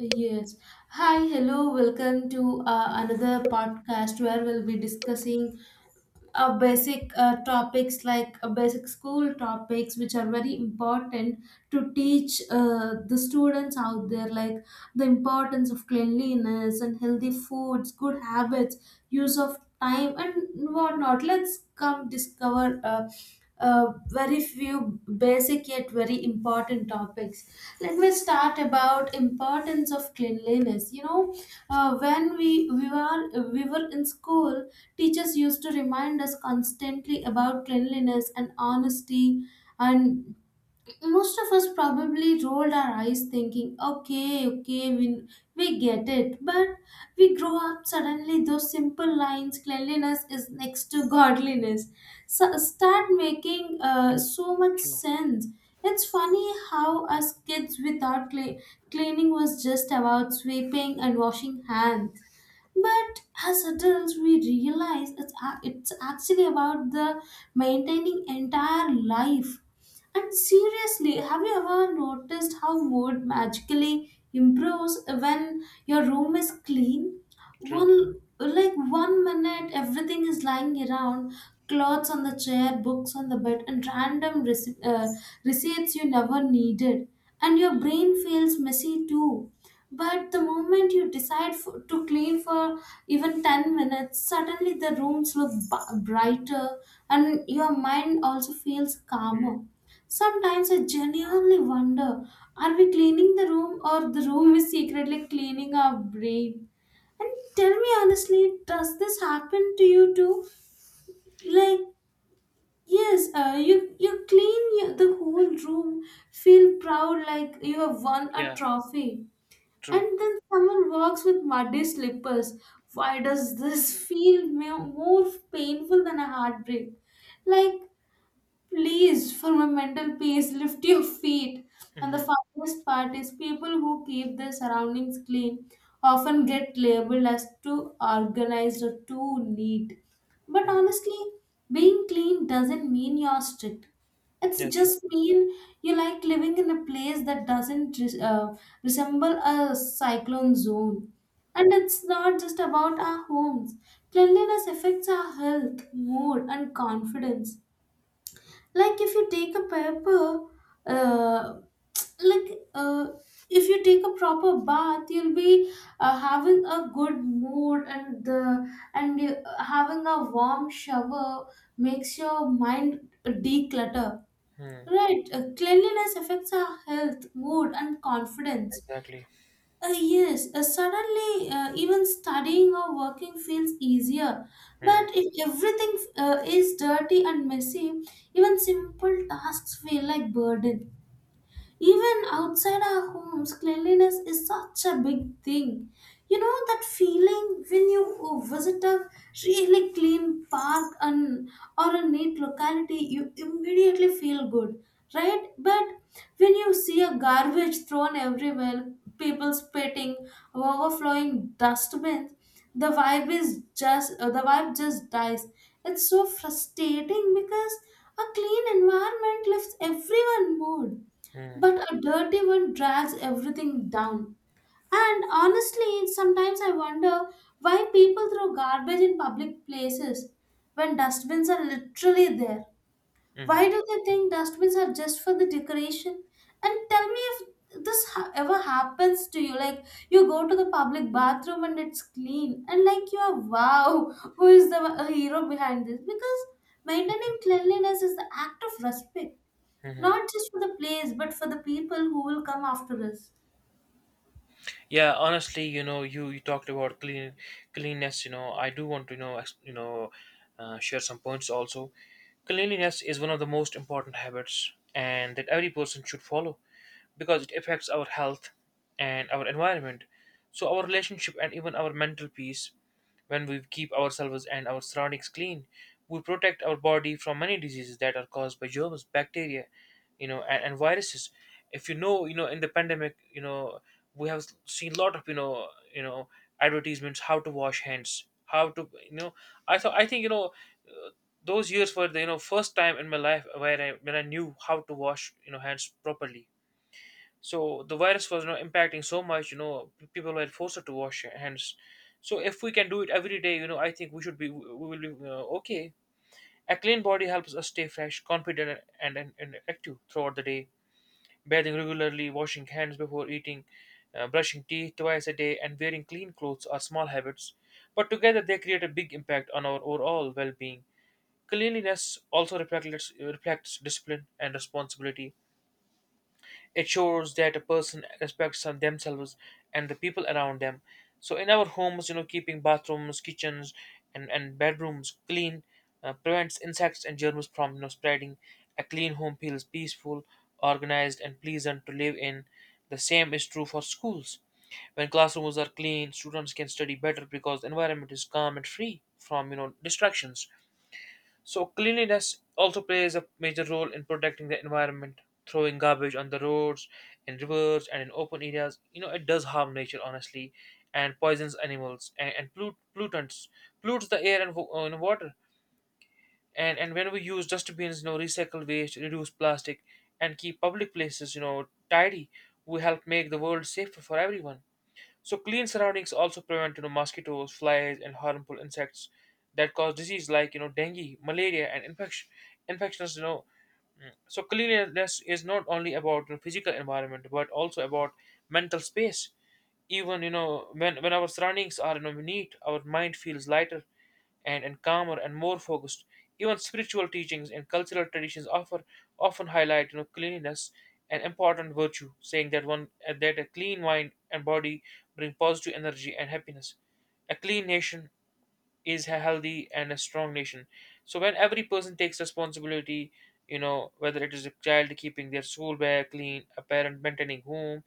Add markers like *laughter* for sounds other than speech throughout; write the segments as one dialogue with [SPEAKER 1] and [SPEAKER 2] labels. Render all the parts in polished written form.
[SPEAKER 1] Yes. Hi, hello, welcome to another podcast where we'll be discussing basic topics like basic school topics, which are very important to teach the students out there, like the importance of cleanliness and healthy foods, good habits, use of time, and whatnot. Let's come discover very few basic yet very important topics. Let me start about importance of cleanliness. When we were in school, teachers used to remind us constantly about cleanliness and honesty, and most of us probably rolled our eyes thinking, okay, okay, we get it. But we grow up, suddenly those simple lines, cleanliness is next to godliness, so start making so much
[SPEAKER 2] True,
[SPEAKER 1] sense. It's funny how us kids we thought cleaning was just about sweeping and washing hands, but as adults, we realize it's actually about the maintaining entire life. And seriously, have you ever noticed how mood magically improves when your room is clean?
[SPEAKER 2] true.
[SPEAKER 1] One, like one minute, everything is lying around, clothes on the chair, books on the bed, and random receipts you never needed. And your brain feels messy too, but the moment you decide to clean for even 10 minutes, suddenly the rooms look brighter and your mind also feels
[SPEAKER 2] Mm,
[SPEAKER 1] calmer. Sometimes I genuinely wonder, are we cleaning the room or the room is secretly cleaning our brain? And tell me honestly, does this happen to you too? Like, yes, you clean the whole room, feel proud like you have won a
[SPEAKER 2] yeah,
[SPEAKER 1] trophy,
[SPEAKER 2] true.
[SPEAKER 1] and then someone walks with muddy slippers. Why does this feel more painful than a heartbreak? Like, please, for my mental peace, lift your feet. And the
[SPEAKER 2] Mm-hmm.
[SPEAKER 1] funniest part is people who keep their surroundings clean often get labeled as too organized or too neat. But
[SPEAKER 2] Mm-hmm.
[SPEAKER 1] honestly, being clean doesn't mean you're strict. It's
[SPEAKER 2] Yeah, true.
[SPEAKER 1] just mean you like living in a place that doesn't resemble a cyclone zone. And it's not just about our homes. Cleanliness affects our health, mood, and confidence, like if you take a proper uh, *tsk* like uh, if you take a proper bath, you'll be having a good mood. And you having a warm shower makes your mind declutter,
[SPEAKER 2] Mm,
[SPEAKER 1] right. Cleanliness affects our health, mood, and confidence.
[SPEAKER 2] exactly.
[SPEAKER 1] Yes, suddenly even studying or working feels easier. But
[SPEAKER 2] Mm,
[SPEAKER 1] if everything is dirty and messy, even simple tasks feel like burden. Even outside our homes, cleanliness is such a big thing. You know that feeling when you visit a really clean park and or a neat locality, you immediately feel good, right? But when you see a garbage thrown everywhere, people spitting, overflowing dustbins, the vibe just dies. It's so frustrating because a clean environment lifts everyone mood,
[SPEAKER 2] mm,
[SPEAKER 1] but a dirty one drags everything down. And honestly, sometimes I wonder why people throw garbage in public places when dustbins are literally there. Why
[SPEAKER 2] mm-hmm.
[SPEAKER 1] do they think dustbins are just for the decoration? And tell me if this ever happens to you, like you go to the public bathroom and it's clean and like you are, wow, *laughs* who is the hero behind this, because maintaining cleanliness is the act of respect,
[SPEAKER 2] Mm-hmm.
[SPEAKER 1] not just for the place, but for the people who will come after us.
[SPEAKER 2] Yeah, honestly, you know, you talked about cleanliness. You know, I do want to share some points also. Cleanliness is one of the most important habits, and that every person should follow because it affects our health and our environment, so our relationship and even our mental peace. When we keep ourselves and our surroundings clean, we protect our body from many diseases that are caused by germs, bacteria, and viruses. If, in the pandemic, we have seen a lot of you know advertisements, how to wash hands, how to, I think, those years were the, first time in my life where I knew how to wash, hands properly. So the virus was not impacting so much. People were forced to wash their hands. So if we can do it every day, I think we will be okay. A clean body helps us stay fresh, confident, and active throughout the day. Bathing regularly, washing hands before eating, brushing teeth twice a day, and wearing clean clothes are small habits, but together they create a big impact on our overall well being. Cleanliness also reflects discipline and responsibility. It shows that a person respects themselves and the people around them. So in our homes, you know, keeping bathrooms, kitchens, and bedrooms clean prevents insects and germs from, spreading. A clean home feels peaceful, organized, and pleasant to live in. The same is true for schools. When classrooms are clean, students can study better because the environment is calm and free from, distractions. So cleanliness also plays a major role in protecting the environment. Throwing garbage on the roads, in rivers, and in open areas, you know, it does harm nature, honestly, and poisons animals and pollutes the air and water. And when we use dustbins, you know, recycle waste, reduce plastic, and keep public places, you know, tidy, we help make the world safer for everyone. So clean surroundings also prevent, mosquitoes, flies, and harmful insects that cause disease like, dengue, malaria, and infections. So cleanliness is not only about, physical environment but also about mental space. Even, when our surroundings are, neat, our mind feels lighter and calmer and more focused. Even spiritual teachings and cultural traditions offer often highlight, cleanliness an important virtue, saying that one that a clean mind and body bring positive energy and happiness. A clean nation is a healthy and a strong nation. So when every person takes responsibility, you know, whether it is a child keeping their school bag clean, a parent maintaining home,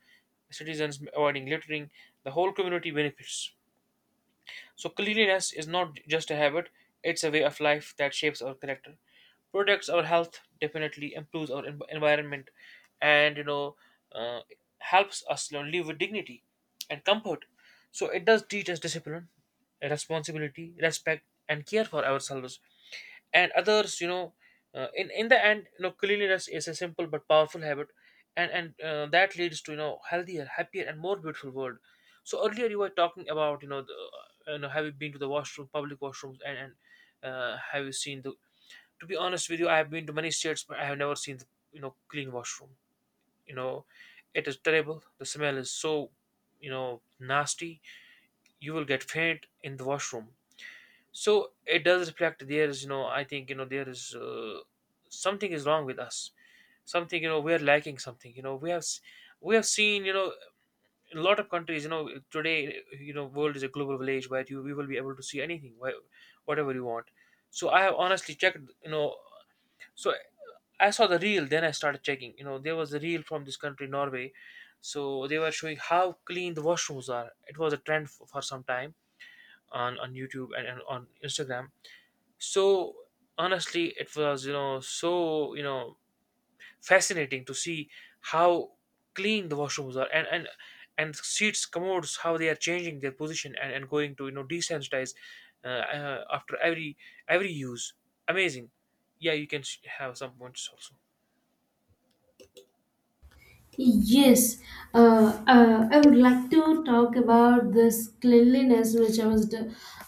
[SPEAKER 2] citizens avoiding littering, the whole community benefits. So cleanliness is not just a habit, it's a way of life that shapes our character, protects our health, definitely improves our environment, and uh, helps us live with dignity and comfort. So it does teach us discipline, responsibility, respect, and care for ourselves and others. In the end, cleanliness is a simple but powerful habit, and that leads to, healthier, happier, and more beautiful world. So earlier you were talking about, the, have you been to the washroom, public washrooms, and have you seen the— To be honest with you, I have been to many states, but I have never seen the, clean washroom. You know, it is terrible. The smell is so, you know, nasty. You will get faint in the washroom. So it does reflect there is, I think, there is, something is wrong with us, something, you know, we are lacking something. You know, we have seen, you know, in a lot of countries, you know, today, you know, world is a global village where you we will be able to see anything, whatever you want. So I have honestly checked, you know. So I saw the reel, then I started checking. You know, there was a reel from this country, Norway. So they were showing how clean the washrooms are. It was a trend for some time on YouTube and on Instagram. So, honestly, it was, you know, so, you know, fascinating to see how clean the washrooms are, and seats, commodes, how they are changing their position, and going to, you know, desensitize, after every use. Amazing. Yeah, you can have some points also.
[SPEAKER 1] Yes, I would like to talk about this cleanliness, which I was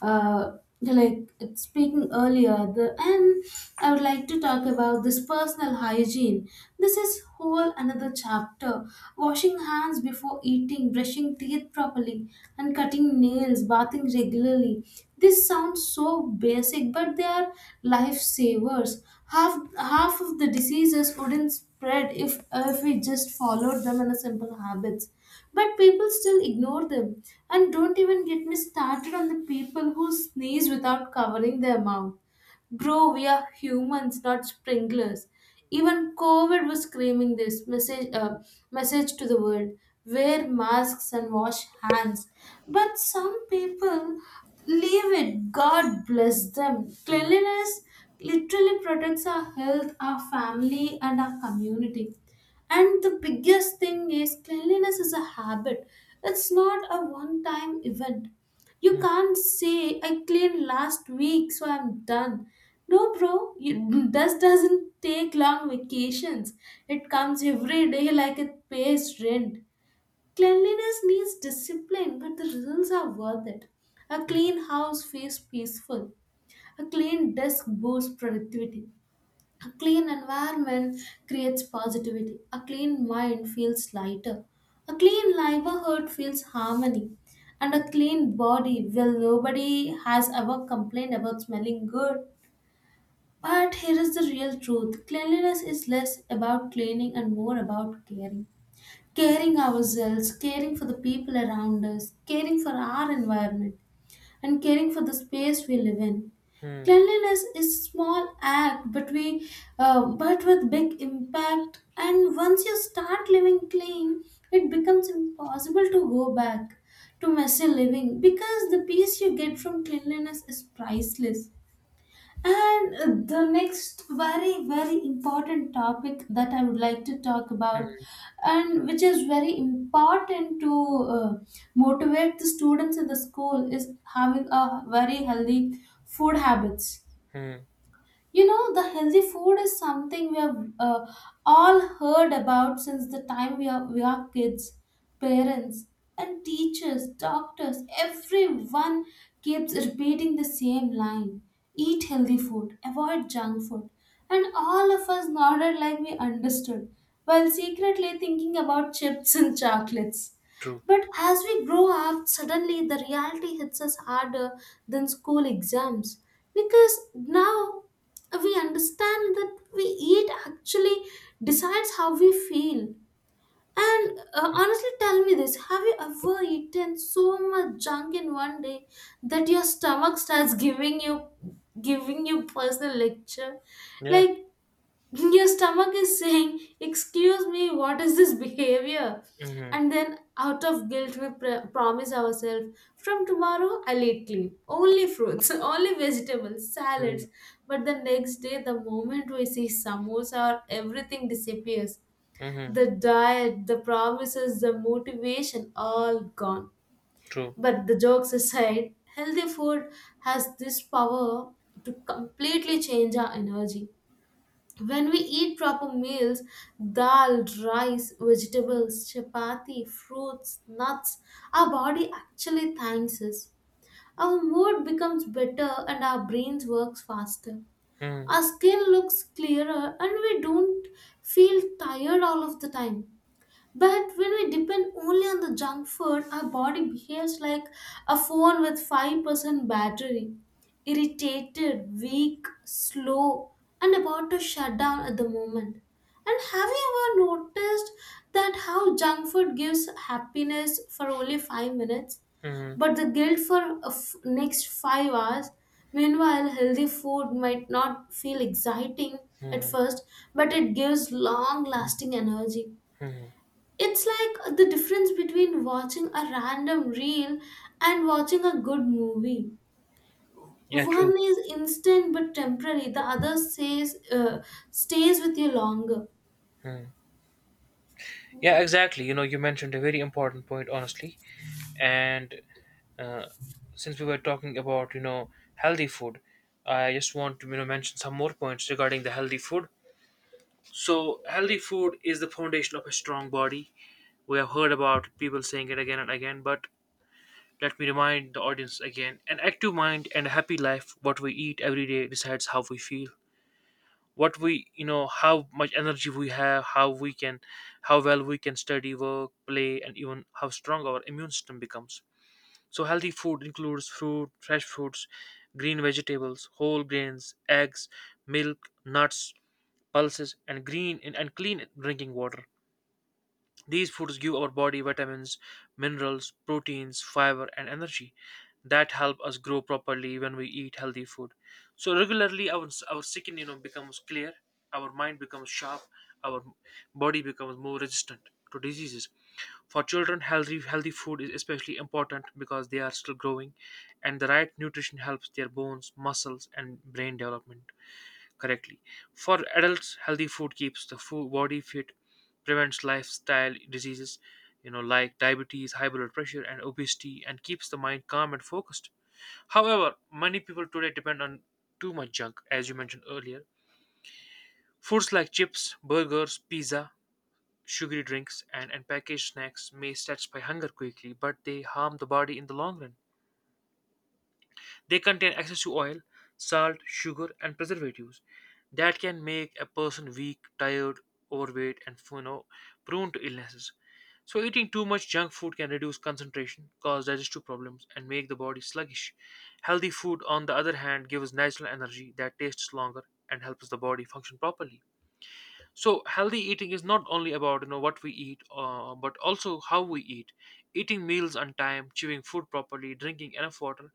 [SPEAKER 1] like speaking earlier. The and I would like to talk about this personal hygiene. This is whole another chapter. Washing hands before eating, brushing teeth properly, and cutting nails, bathing regularly. This sounds so basic, but they are lifesavers. Half of the diseases wouldn't spread if we just followed them in a simple habits, but people still ignore them. And don't even get me started on the people who sneeze without covering their mouth. Bro, we are humans, not sprinklers. Even COVID was screaming this message to the world, wear masks and wash hands. But some people leave it. God bless them.
[SPEAKER 2] Mhm,
[SPEAKER 1] Cleanliness literally protects our health, our family, and our community. And the biggest thing is cleanliness is a habit, it's not a one time event. You can't say, I cleaned last week, so I'm done. No, bro, dust doesn't take long vacations. It comes every day like it pays rent. Cleanliness needs discipline, but the results are worth it. A
[SPEAKER 2] mhm,
[SPEAKER 1] clean house feels peaceful. A clean desk boosts productivity. A clean environment creates positivity. A clean mind feels lighter. A clean neighborhood feels harmony. And a clean body, well, nobody has ever complained about smelling good. But here is the real truth, cleanliness is less about cleaning and more about caring. Caring ourselves, caring for the people around us, caring for our environment, and caring for the space we live in.
[SPEAKER 2] mhm,
[SPEAKER 1] Cleanliness is a small act, but with big impact. And once you start living clean, it becomes impossible to go back to messy living because the peace you get from cleanliness is priceless. And the next very, very important topic that I would like to talk about,
[SPEAKER 2] mhm,
[SPEAKER 1] and which is very important to motivate the students in the school, is having a very healthy food habits.
[SPEAKER 2] mhm.
[SPEAKER 1] You know, the healthy food is something we have all heard about since the time we are kids. Parents and teachers, doctors, everyone keeps repeating the same line, eat healthy food, avoid junk food. And all of us nodded like we understood, while secretly thinking about chips and *laughs* chocolates.
[SPEAKER 2] True.
[SPEAKER 1] But as we grow up, suddenly the reality hits us harder than school exams, because now we understand that we eat actually decides how we feel. And honestly tell me this, have you ever eaten so much junk in one day that your stomach starts giving you personal lecture,
[SPEAKER 2] Yeah.
[SPEAKER 1] like your stomach is saying, excuse me, what is this behavior?
[SPEAKER 2] Mm-hmm,
[SPEAKER 1] And then, out of guilt, we promise ourselves, from tomorrow, I'll eat clean. Only fruits, *laughs* only vegetables,
[SPEAKER 2] mm-hmm,
[SPEAKER 1] salads. But the next day, the moment we see samosa, or everything disappears.
[SPEAKER 2] mm-hmm.
[SPEAKER 1] The diet, the promises, the motivation, all gone.
[SPEAKER 2] True.
[SPEAKER 1] But the jokes aside, healthy food has this power to completely change our energy when we eat proper meals, dal, rice, vegetables, chapati, fruits, nuts, our body actually thanks us. Our mood becomes better and our brains works faster.
[SPEAKER 2] Mm-hmm,
[SPEAKER 1] Our skin looks clearer and we don't feel tired all of the time. But when we depend only on the junk food, our body behaves like a phone with 5% battery, irritated, weak, slow, and about to shut down at the moment. And have you ever noticed that how junk food gives happiness for only 5 minutes,
[SPEAKER 2] mm-hmm,
[SPEAKER 1] but the guilt for a next 5 hours. Meanwhile, healthy food might not feel exciting at
[SPEAKER 2] mm-hmm.
[SPEAKER 1] first, but it gives long lasting energy.
[SPEAKER 2] Mm-hmm.
[SPEAKER 1] It's like the difference between watching a random reel and watching a good movie.
[SPEAKER 2] Yeah, true.
[SPEAKER 1] One is instant but temporary, the other stays with you longer.
[SPEAKER 2] Mm-hmm. Yeah, exactly. You know, you mentioned a very important point, honestly. And uh, since we were talking about, you know, healthy food, I just want to, you know, mention some more points regarding the healthy food. So, healthy food is the foundation of a strong body. We have heard about people saying it again and again, but let me remind the audience again: an active mind and a happy life, what we eat every day, decides how we feel, what we you know how much energy we have, how well we can study, work, play, and even how strong our immune system becomes. So healthy food includes fruit fresh fruits, green vegetables, whole grains, eggs, milk, nuts, pulses, and clean drinking water. These foods give our body vitamins, minerals, proteins, fiber, and energy that help us grow properly when we eat healthy food. So regularly, our skin, you know, becomes clear, our mind becomes sharp, our body becomes more resistant to diseases. For children, healthy food is especially important because they are still growing, and the right nutrition helps their bones, muscles, and brain development correctly. For adults, healthy food keeps the food body fit, prevents lifestyle diseases, you know, like diabetes, high blood pressure, and obesity, and keeps the mind calm and focused. However, many people today depend on too much junk, as you mentioned earlier. Foods like chips, burgers, pizza, sugary drinks, and packaged snacks may satisfy hunger quickly, but they harm the body in the long run. They contain excess oil, salt, sugar, and preservatives that can make a person weak, tired, overweight, and, you know, prone to illnesses. So, eating too much junk food can reduce concentration, cause digestive problems, and make the body sluggish. Healthy food, on the other hand, gives natural energy that tastes longer and helps the body function properly. So healthy eating is not only about, what we eat, but also how we eat. Eating meals on time, chewing food properly, drinking enough water,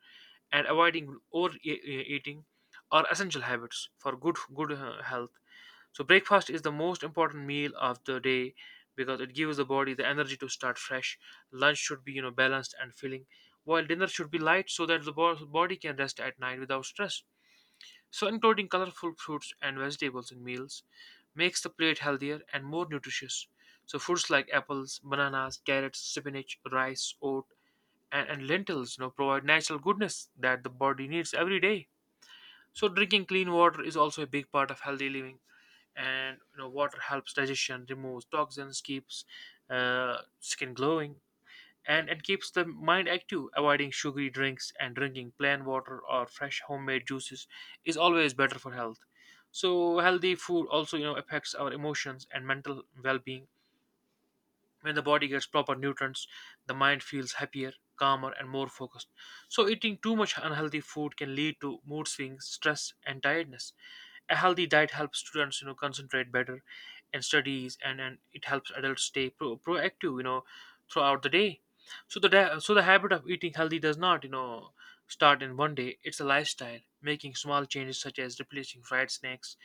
[SPEAKER 2] and avoiding overeating are essential habits for good health. So breakfast is the most important meal of the day because it gives the body the energy to start fresh. Lunch should be, you know, balanced and filling, while dinner should be light so that the body can rest at night without stress. So, including colorful fruits and vegetables in meals makes the plate healthier and more nutritious. So, foods like apples, bananas, carrots, spinach, rice, oat, and lentils, you know, provide natural goodness that the body needs every day. So, drinking clean water is also a big part of healthy living. And, you know, water helps digestion, removes toxins, keeps, skin glowing, and it keeps the mind active. Avoiding sugary drinks and drinking plain water or fresh homemade juices is always better for health. So healthy food also, you know, affects our emotions and mental well-being. When the body gets proper nutrients, the mind feels happier, calmer, and more focused. So, eating too much unhealthy food can lead to mood swings, stress, and tiredness. A healthy diet helps students, you know, concentrate better in studies, and it helps adults stay proactive, you know, throughout the day. So the habit of eating healthy does not, you know, start in one day. It's a lifestyle. Making small changes such as replacing fried snacks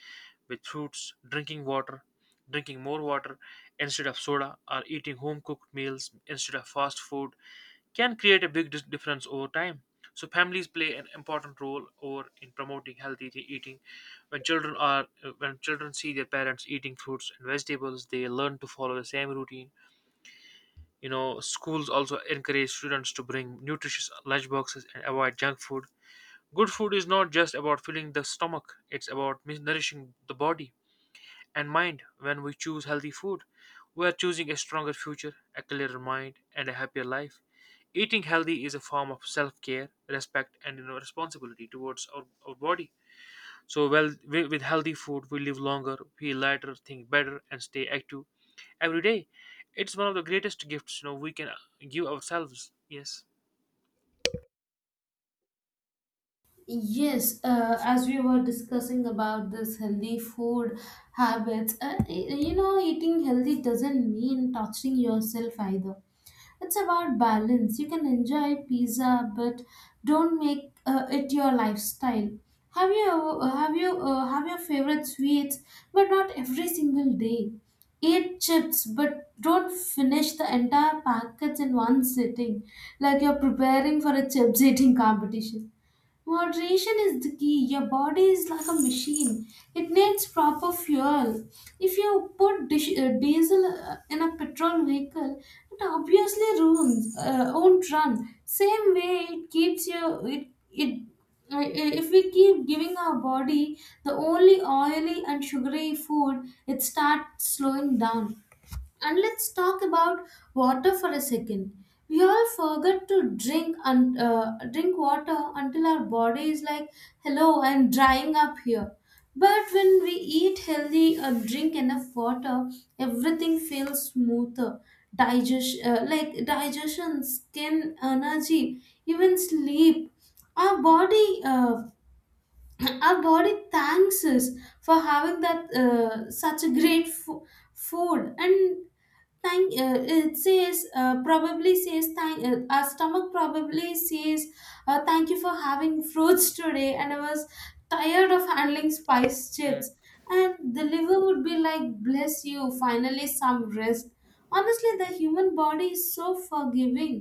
[SPEAKER 2] with fruits, drinking water, drinking more water, instead of soda, or eating home cooked meals instead of fast food can create a big difference over time. So, families play an important role over in promoting healthy eating. When children are when children see their parents eating fruits and vegetables, they learn to follow the same routine. You know, schools also encourage students to bring nutritious lunch boxes and avoid junk food. Good food is not just about filling the stomach; it's about nourishing the body. And mind, when we choose healthy food, we are choosing a stronger future, a clearer mind, and a happier life. Eating healthy is a form of self care, respect, and responsibility towards our body. With healthy food, we live longer, feel lighter, think better, and stay active every day. It's one of the greatest gifts we can give ourselves. Yes.
[SPEAKER 1] Yes, as we were discussing about this healthy food habits, you know, eating healthy doesn't mean torturing yourself either. It's about balance. You can enjoy pizza, but don't make it your lifestyle. Have your favorite sweets, but not every single day. Eat chips, but don't finish the entire packets in one sitting, like you're preparing for a chips eating competition. Moderation is the key. Your body is like a machine. It needs proper fuel. If you put diesel in a petrol vehicle, it obviously won't run. Same way, it keeps your it it. If we keep giving our body the only oily and sugary food, it starts slowing down. And let's talk about water for a second. We all forget to drink water until our body is like, "Hello, I'm drying up here." But when we eat healthy or drink enough water, everything feels smoother. Digestion, skin, energy, even sleep. Our body uh, our body thanks us for having that such a great food. And thank it says probably says thank our stomach probably says, thank you for having fruits today, and I was tired of handling spice
[SPEAKER 2] Mm,
[SPEAKER 1] chips. And the liver would be like, bless you, finally some rest. Honestly the human body is so forgiving,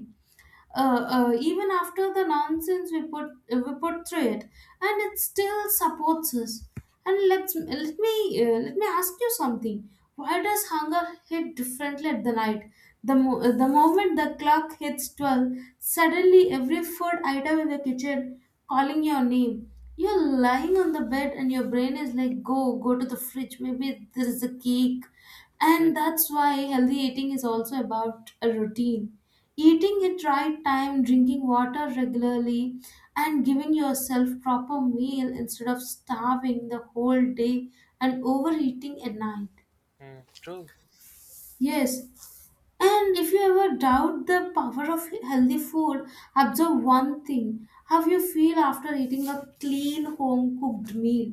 [SPEAKER 1] even after the nonsense we put through it, and it still supports us. And let me ask you something, why does hunger hit differently at the night? The moment the clock hits 12, suddenly every food item in the kitchen calling your name. You're lying on the bed and your brain is like, go, go to the fridge, maybe there is a cake.
[SPEAKER 2] mm,
[SPEAKER 1] And that's why healthy eating is also about a routine. Eating at right time, drinking water regularly, and giving yourself proper meal instead of starving the whole day and overeating at night.
[SPEAKER 2] mm. True.
[SPEAKER 1] Yes, and if you ever doubt the power of healthy food, observe one thing, how you feel after eating a clean home cooked meal.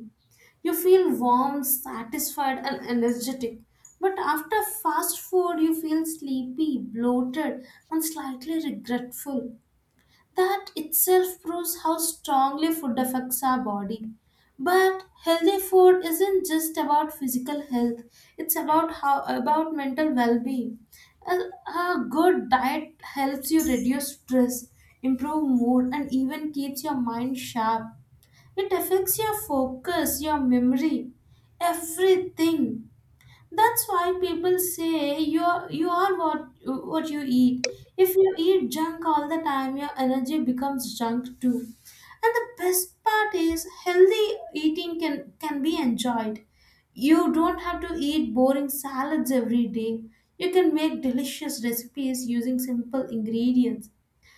[SPEAKER 1] You feel warm, satisfied, and energetic. But after fast food, you feel sleepy, bloated, and slightly regretful. That itself proves how strongly food affects our body. But healthy food isn't just about physical health, it's about how about mental well-being. A, a good diet helps you reduce stress, improve mood, and even keeps your mind sharp. It affects your focus, your memory, everything. That's why people say, you are what you eat. If you eat junk all the time, your energy becomes junk too. And the best part is healthy eating can be enjoyed. You don't have to eat boring salads every day. You can make delicious recipes using simple ingredients,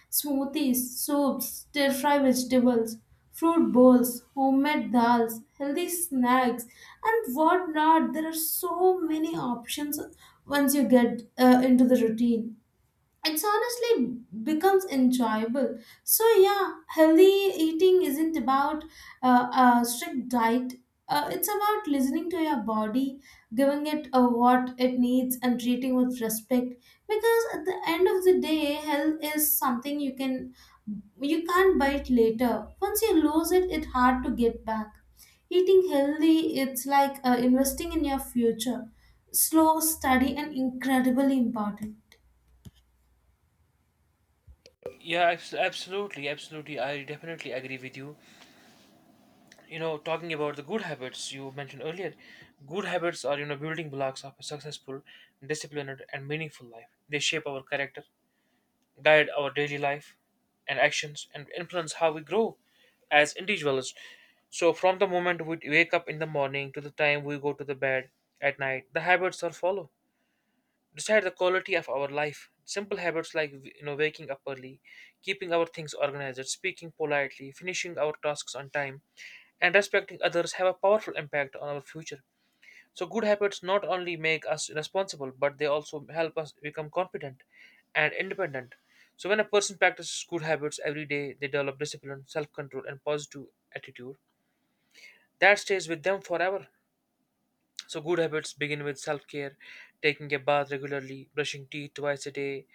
[SPEAKER 1] smoothies, soups, stir fry vegetables, fruit bowls, homemade dals, healthy snacks, and whatnot. There are so many options once you get into the routine, it's honestly becomes enjoyable. So yeah, healthy eating isn't about a strict diet, it's about listening to your body, giving it what it needs and treating with respect, because at the end of the day, health is something you can't buy it later. Once you lose it, it's hard to get back. Eating healthy, it's like investing in your future, slow, steady, and incredibly important.
[SPEAKER 2] Yeah, absolutely, absolutely. I definitely agree with you. You know, talking about the good habits you mentioned earlier, good habits are, you know, building blocks of a successful, disciplined and meaningful life. They shape our character, guide our daily life and actions, and influence how we grow as individuals. So from the moment we wake up in the morning to the time we go to the bed at night, the habits are followed, decide the quality of our life. Simple habits like, you know, waking up early, keeping our things organized, speaking politely, finishing our tasks on time, and respecting others have a powerful impact on our future. So good habits not only make us responsible but they also help us become confident and independent. So when a person practices good habits every day, they develop discipline, self-control and positive attitude that stays with them forever. So good habits begin with self-care. Taking a bath regularly, brushing teeth twice a day,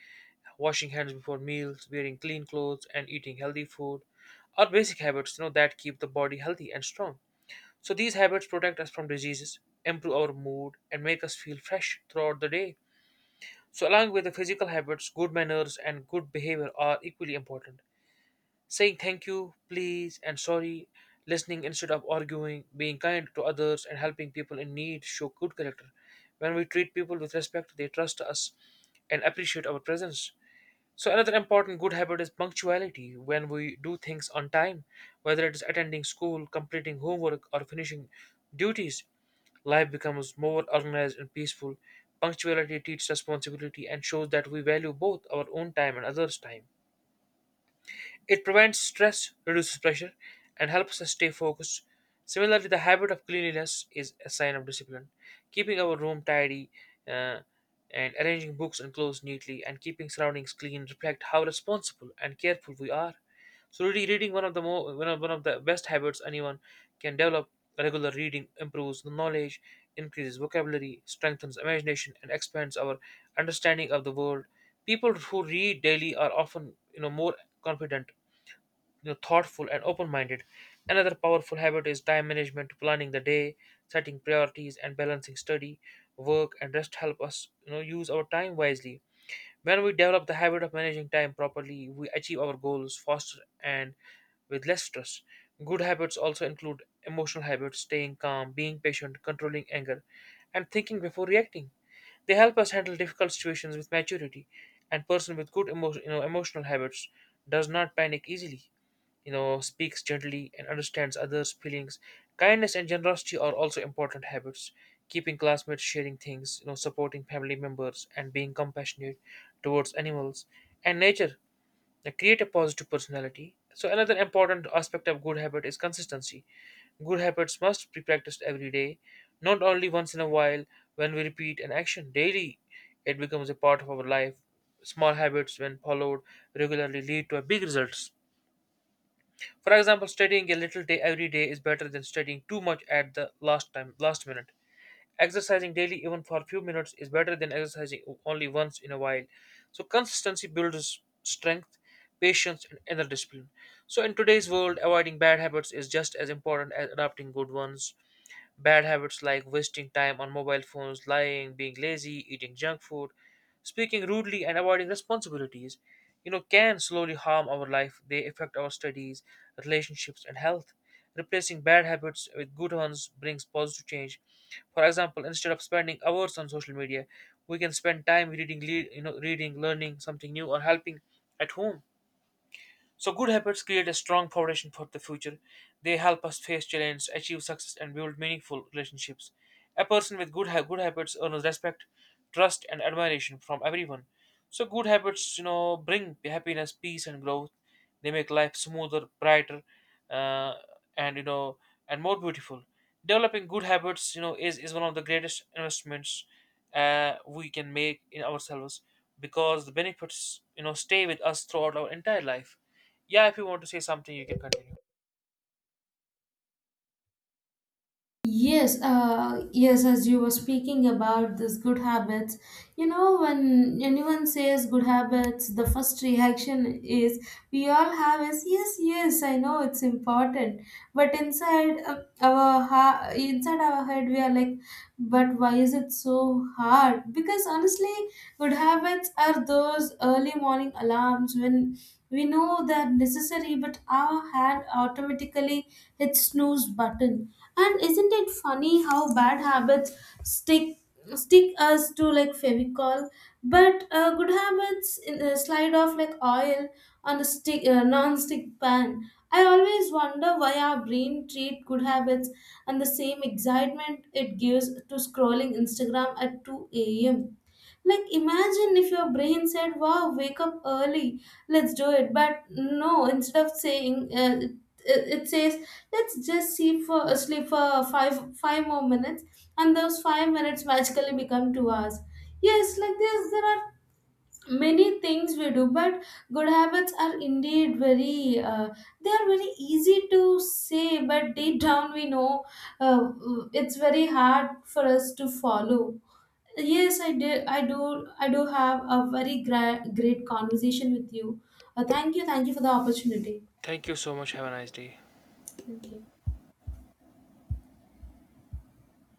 [SPEAKER 2] washing hands before meals, wearing clean clothes, and eating healthy food are basic habits, you know, that keep the body healthy and strong. So these habits protect us from diseases, improve our mood, and make us feel fresh throughout the day. So along with the physical habits, good manners and good behavior are equally important. Saying thank you, please, and sorry, listening instead of arguing, being kind to others, and helping people in need show good character. When we treat people with respect, they trust us and appreciate our presence. So another important good habit is punctuality. When we do things on time, whether it is attending school, completing homework, or finishing duties, life becomes more organized and peaceful. Punctuality teaches responsibility and shows that we value both our own time and others' time. It prevents stress, reduces pressure, and helps us stay focused. Similarly, the habit of cleanliness is a sign of discipline. Keeping our room tidy, uh, and arranging books and clothes neatly and keeping surroundings clean reflect how responsible and careful we are. So really reading, one of the best habits anyone can develop. Regular reading improves knowledge, increases vocabulary, strengthens imagination, and expands our understanding of the world. People who read daily are often, you know, more confident, you know, thoughtful and open-minded. Another powerful habit is time management, planning the day, setting priorities, and balancing study, work, and rest help us, you know, use our time wisely. When we develop the habit of managing time properly, we achieve our goals faster and with less stress. Good habits also include emotional habits, staying calm, being patient, controlling anger, and thinking before reacting. They help us handle difficult situations with maturity. And person with you know, emotional habits does not panic easily, you know, speaks gently and understands others feelings. Kindness and generosity are also important habits, keeping classmates, sharing things, you know, supporting family members and being compassionate towards animals and nature, they create a positive personality. So another important aspect of good habit is consistency. Good habits must be practiced every day, not only once in a while. When we repeat an action daily, it becomes a part of our life. Small habits when followed regularly lead to a big results. For example, studying a little day every day is better than studying too much at the last minute. Exercising daily even for a few minutes is better than exercising only once in a while. So consistency builds strength, patience and inner discipline. So in today's world, avoiding bad habits is just as important as adopting good ones. Bad habits like wasting time on mobile phones, lying, being lazy, eating junk food, speaking rudely, and avoiding responsibilities, you know, can slowly harm our life. They affect our studies, relationships, and health. Replacing bad habits with good ones brings positive change. For example, instead of spending hours on social media, we can spend time reading, reading, learning something new, or helping at home. So, good habits create a strong foundation for the future. They help us face challenges, achieve success, and build meaningful relationships. A person with good habits earns respect, trust, and admiration from everyone. So, good habits, you know, bring happiness, peace, and growth. They make life smoother, brighter, uh, and, you know, and more beautiful. Developing good habits, you know, is one of the greatest investments we can make in ourselves, because the benefits, you know, stay with us throughout our entire life. Yeah, if you want to say something, you can continue.
[SPEAKER 1] Yes, as you were speaking about this good habits, you know, when anyone says good habits, the first reaction is we all have is, yes, yes, I know it's important, but inside our head we are like, but why is it so hard? Because honestly, good habits are those early morning alarms when we know they're necessary, but our hand automatically hits snooze button. And isn't it funny how bad habits stick stick us to like Fevicol, but good habits slide off like oil on a stick non-stick pan. I always wonder why our brain treat good habits and the same excitement it gives to scrolling Instagram at 2 a.m. Like, imagine if your brain said, wow, wake up early, let's do it. But no, instead of saying, it says, let's just sleep for five more minutes, and those 5 minutes magically become 2 hours. Yes, like this, there are many things we do, but good habits are indeed they are very easy to say, but deep down we know uh, it's very hard for us to follow. Yes, I did. I do. I do have a very great conversation with you. Thank you. Thank you for the opportunity.
[SPEAKER 2] Thank you so much. Have a nice day.
[SPEAKER 1] Thank you.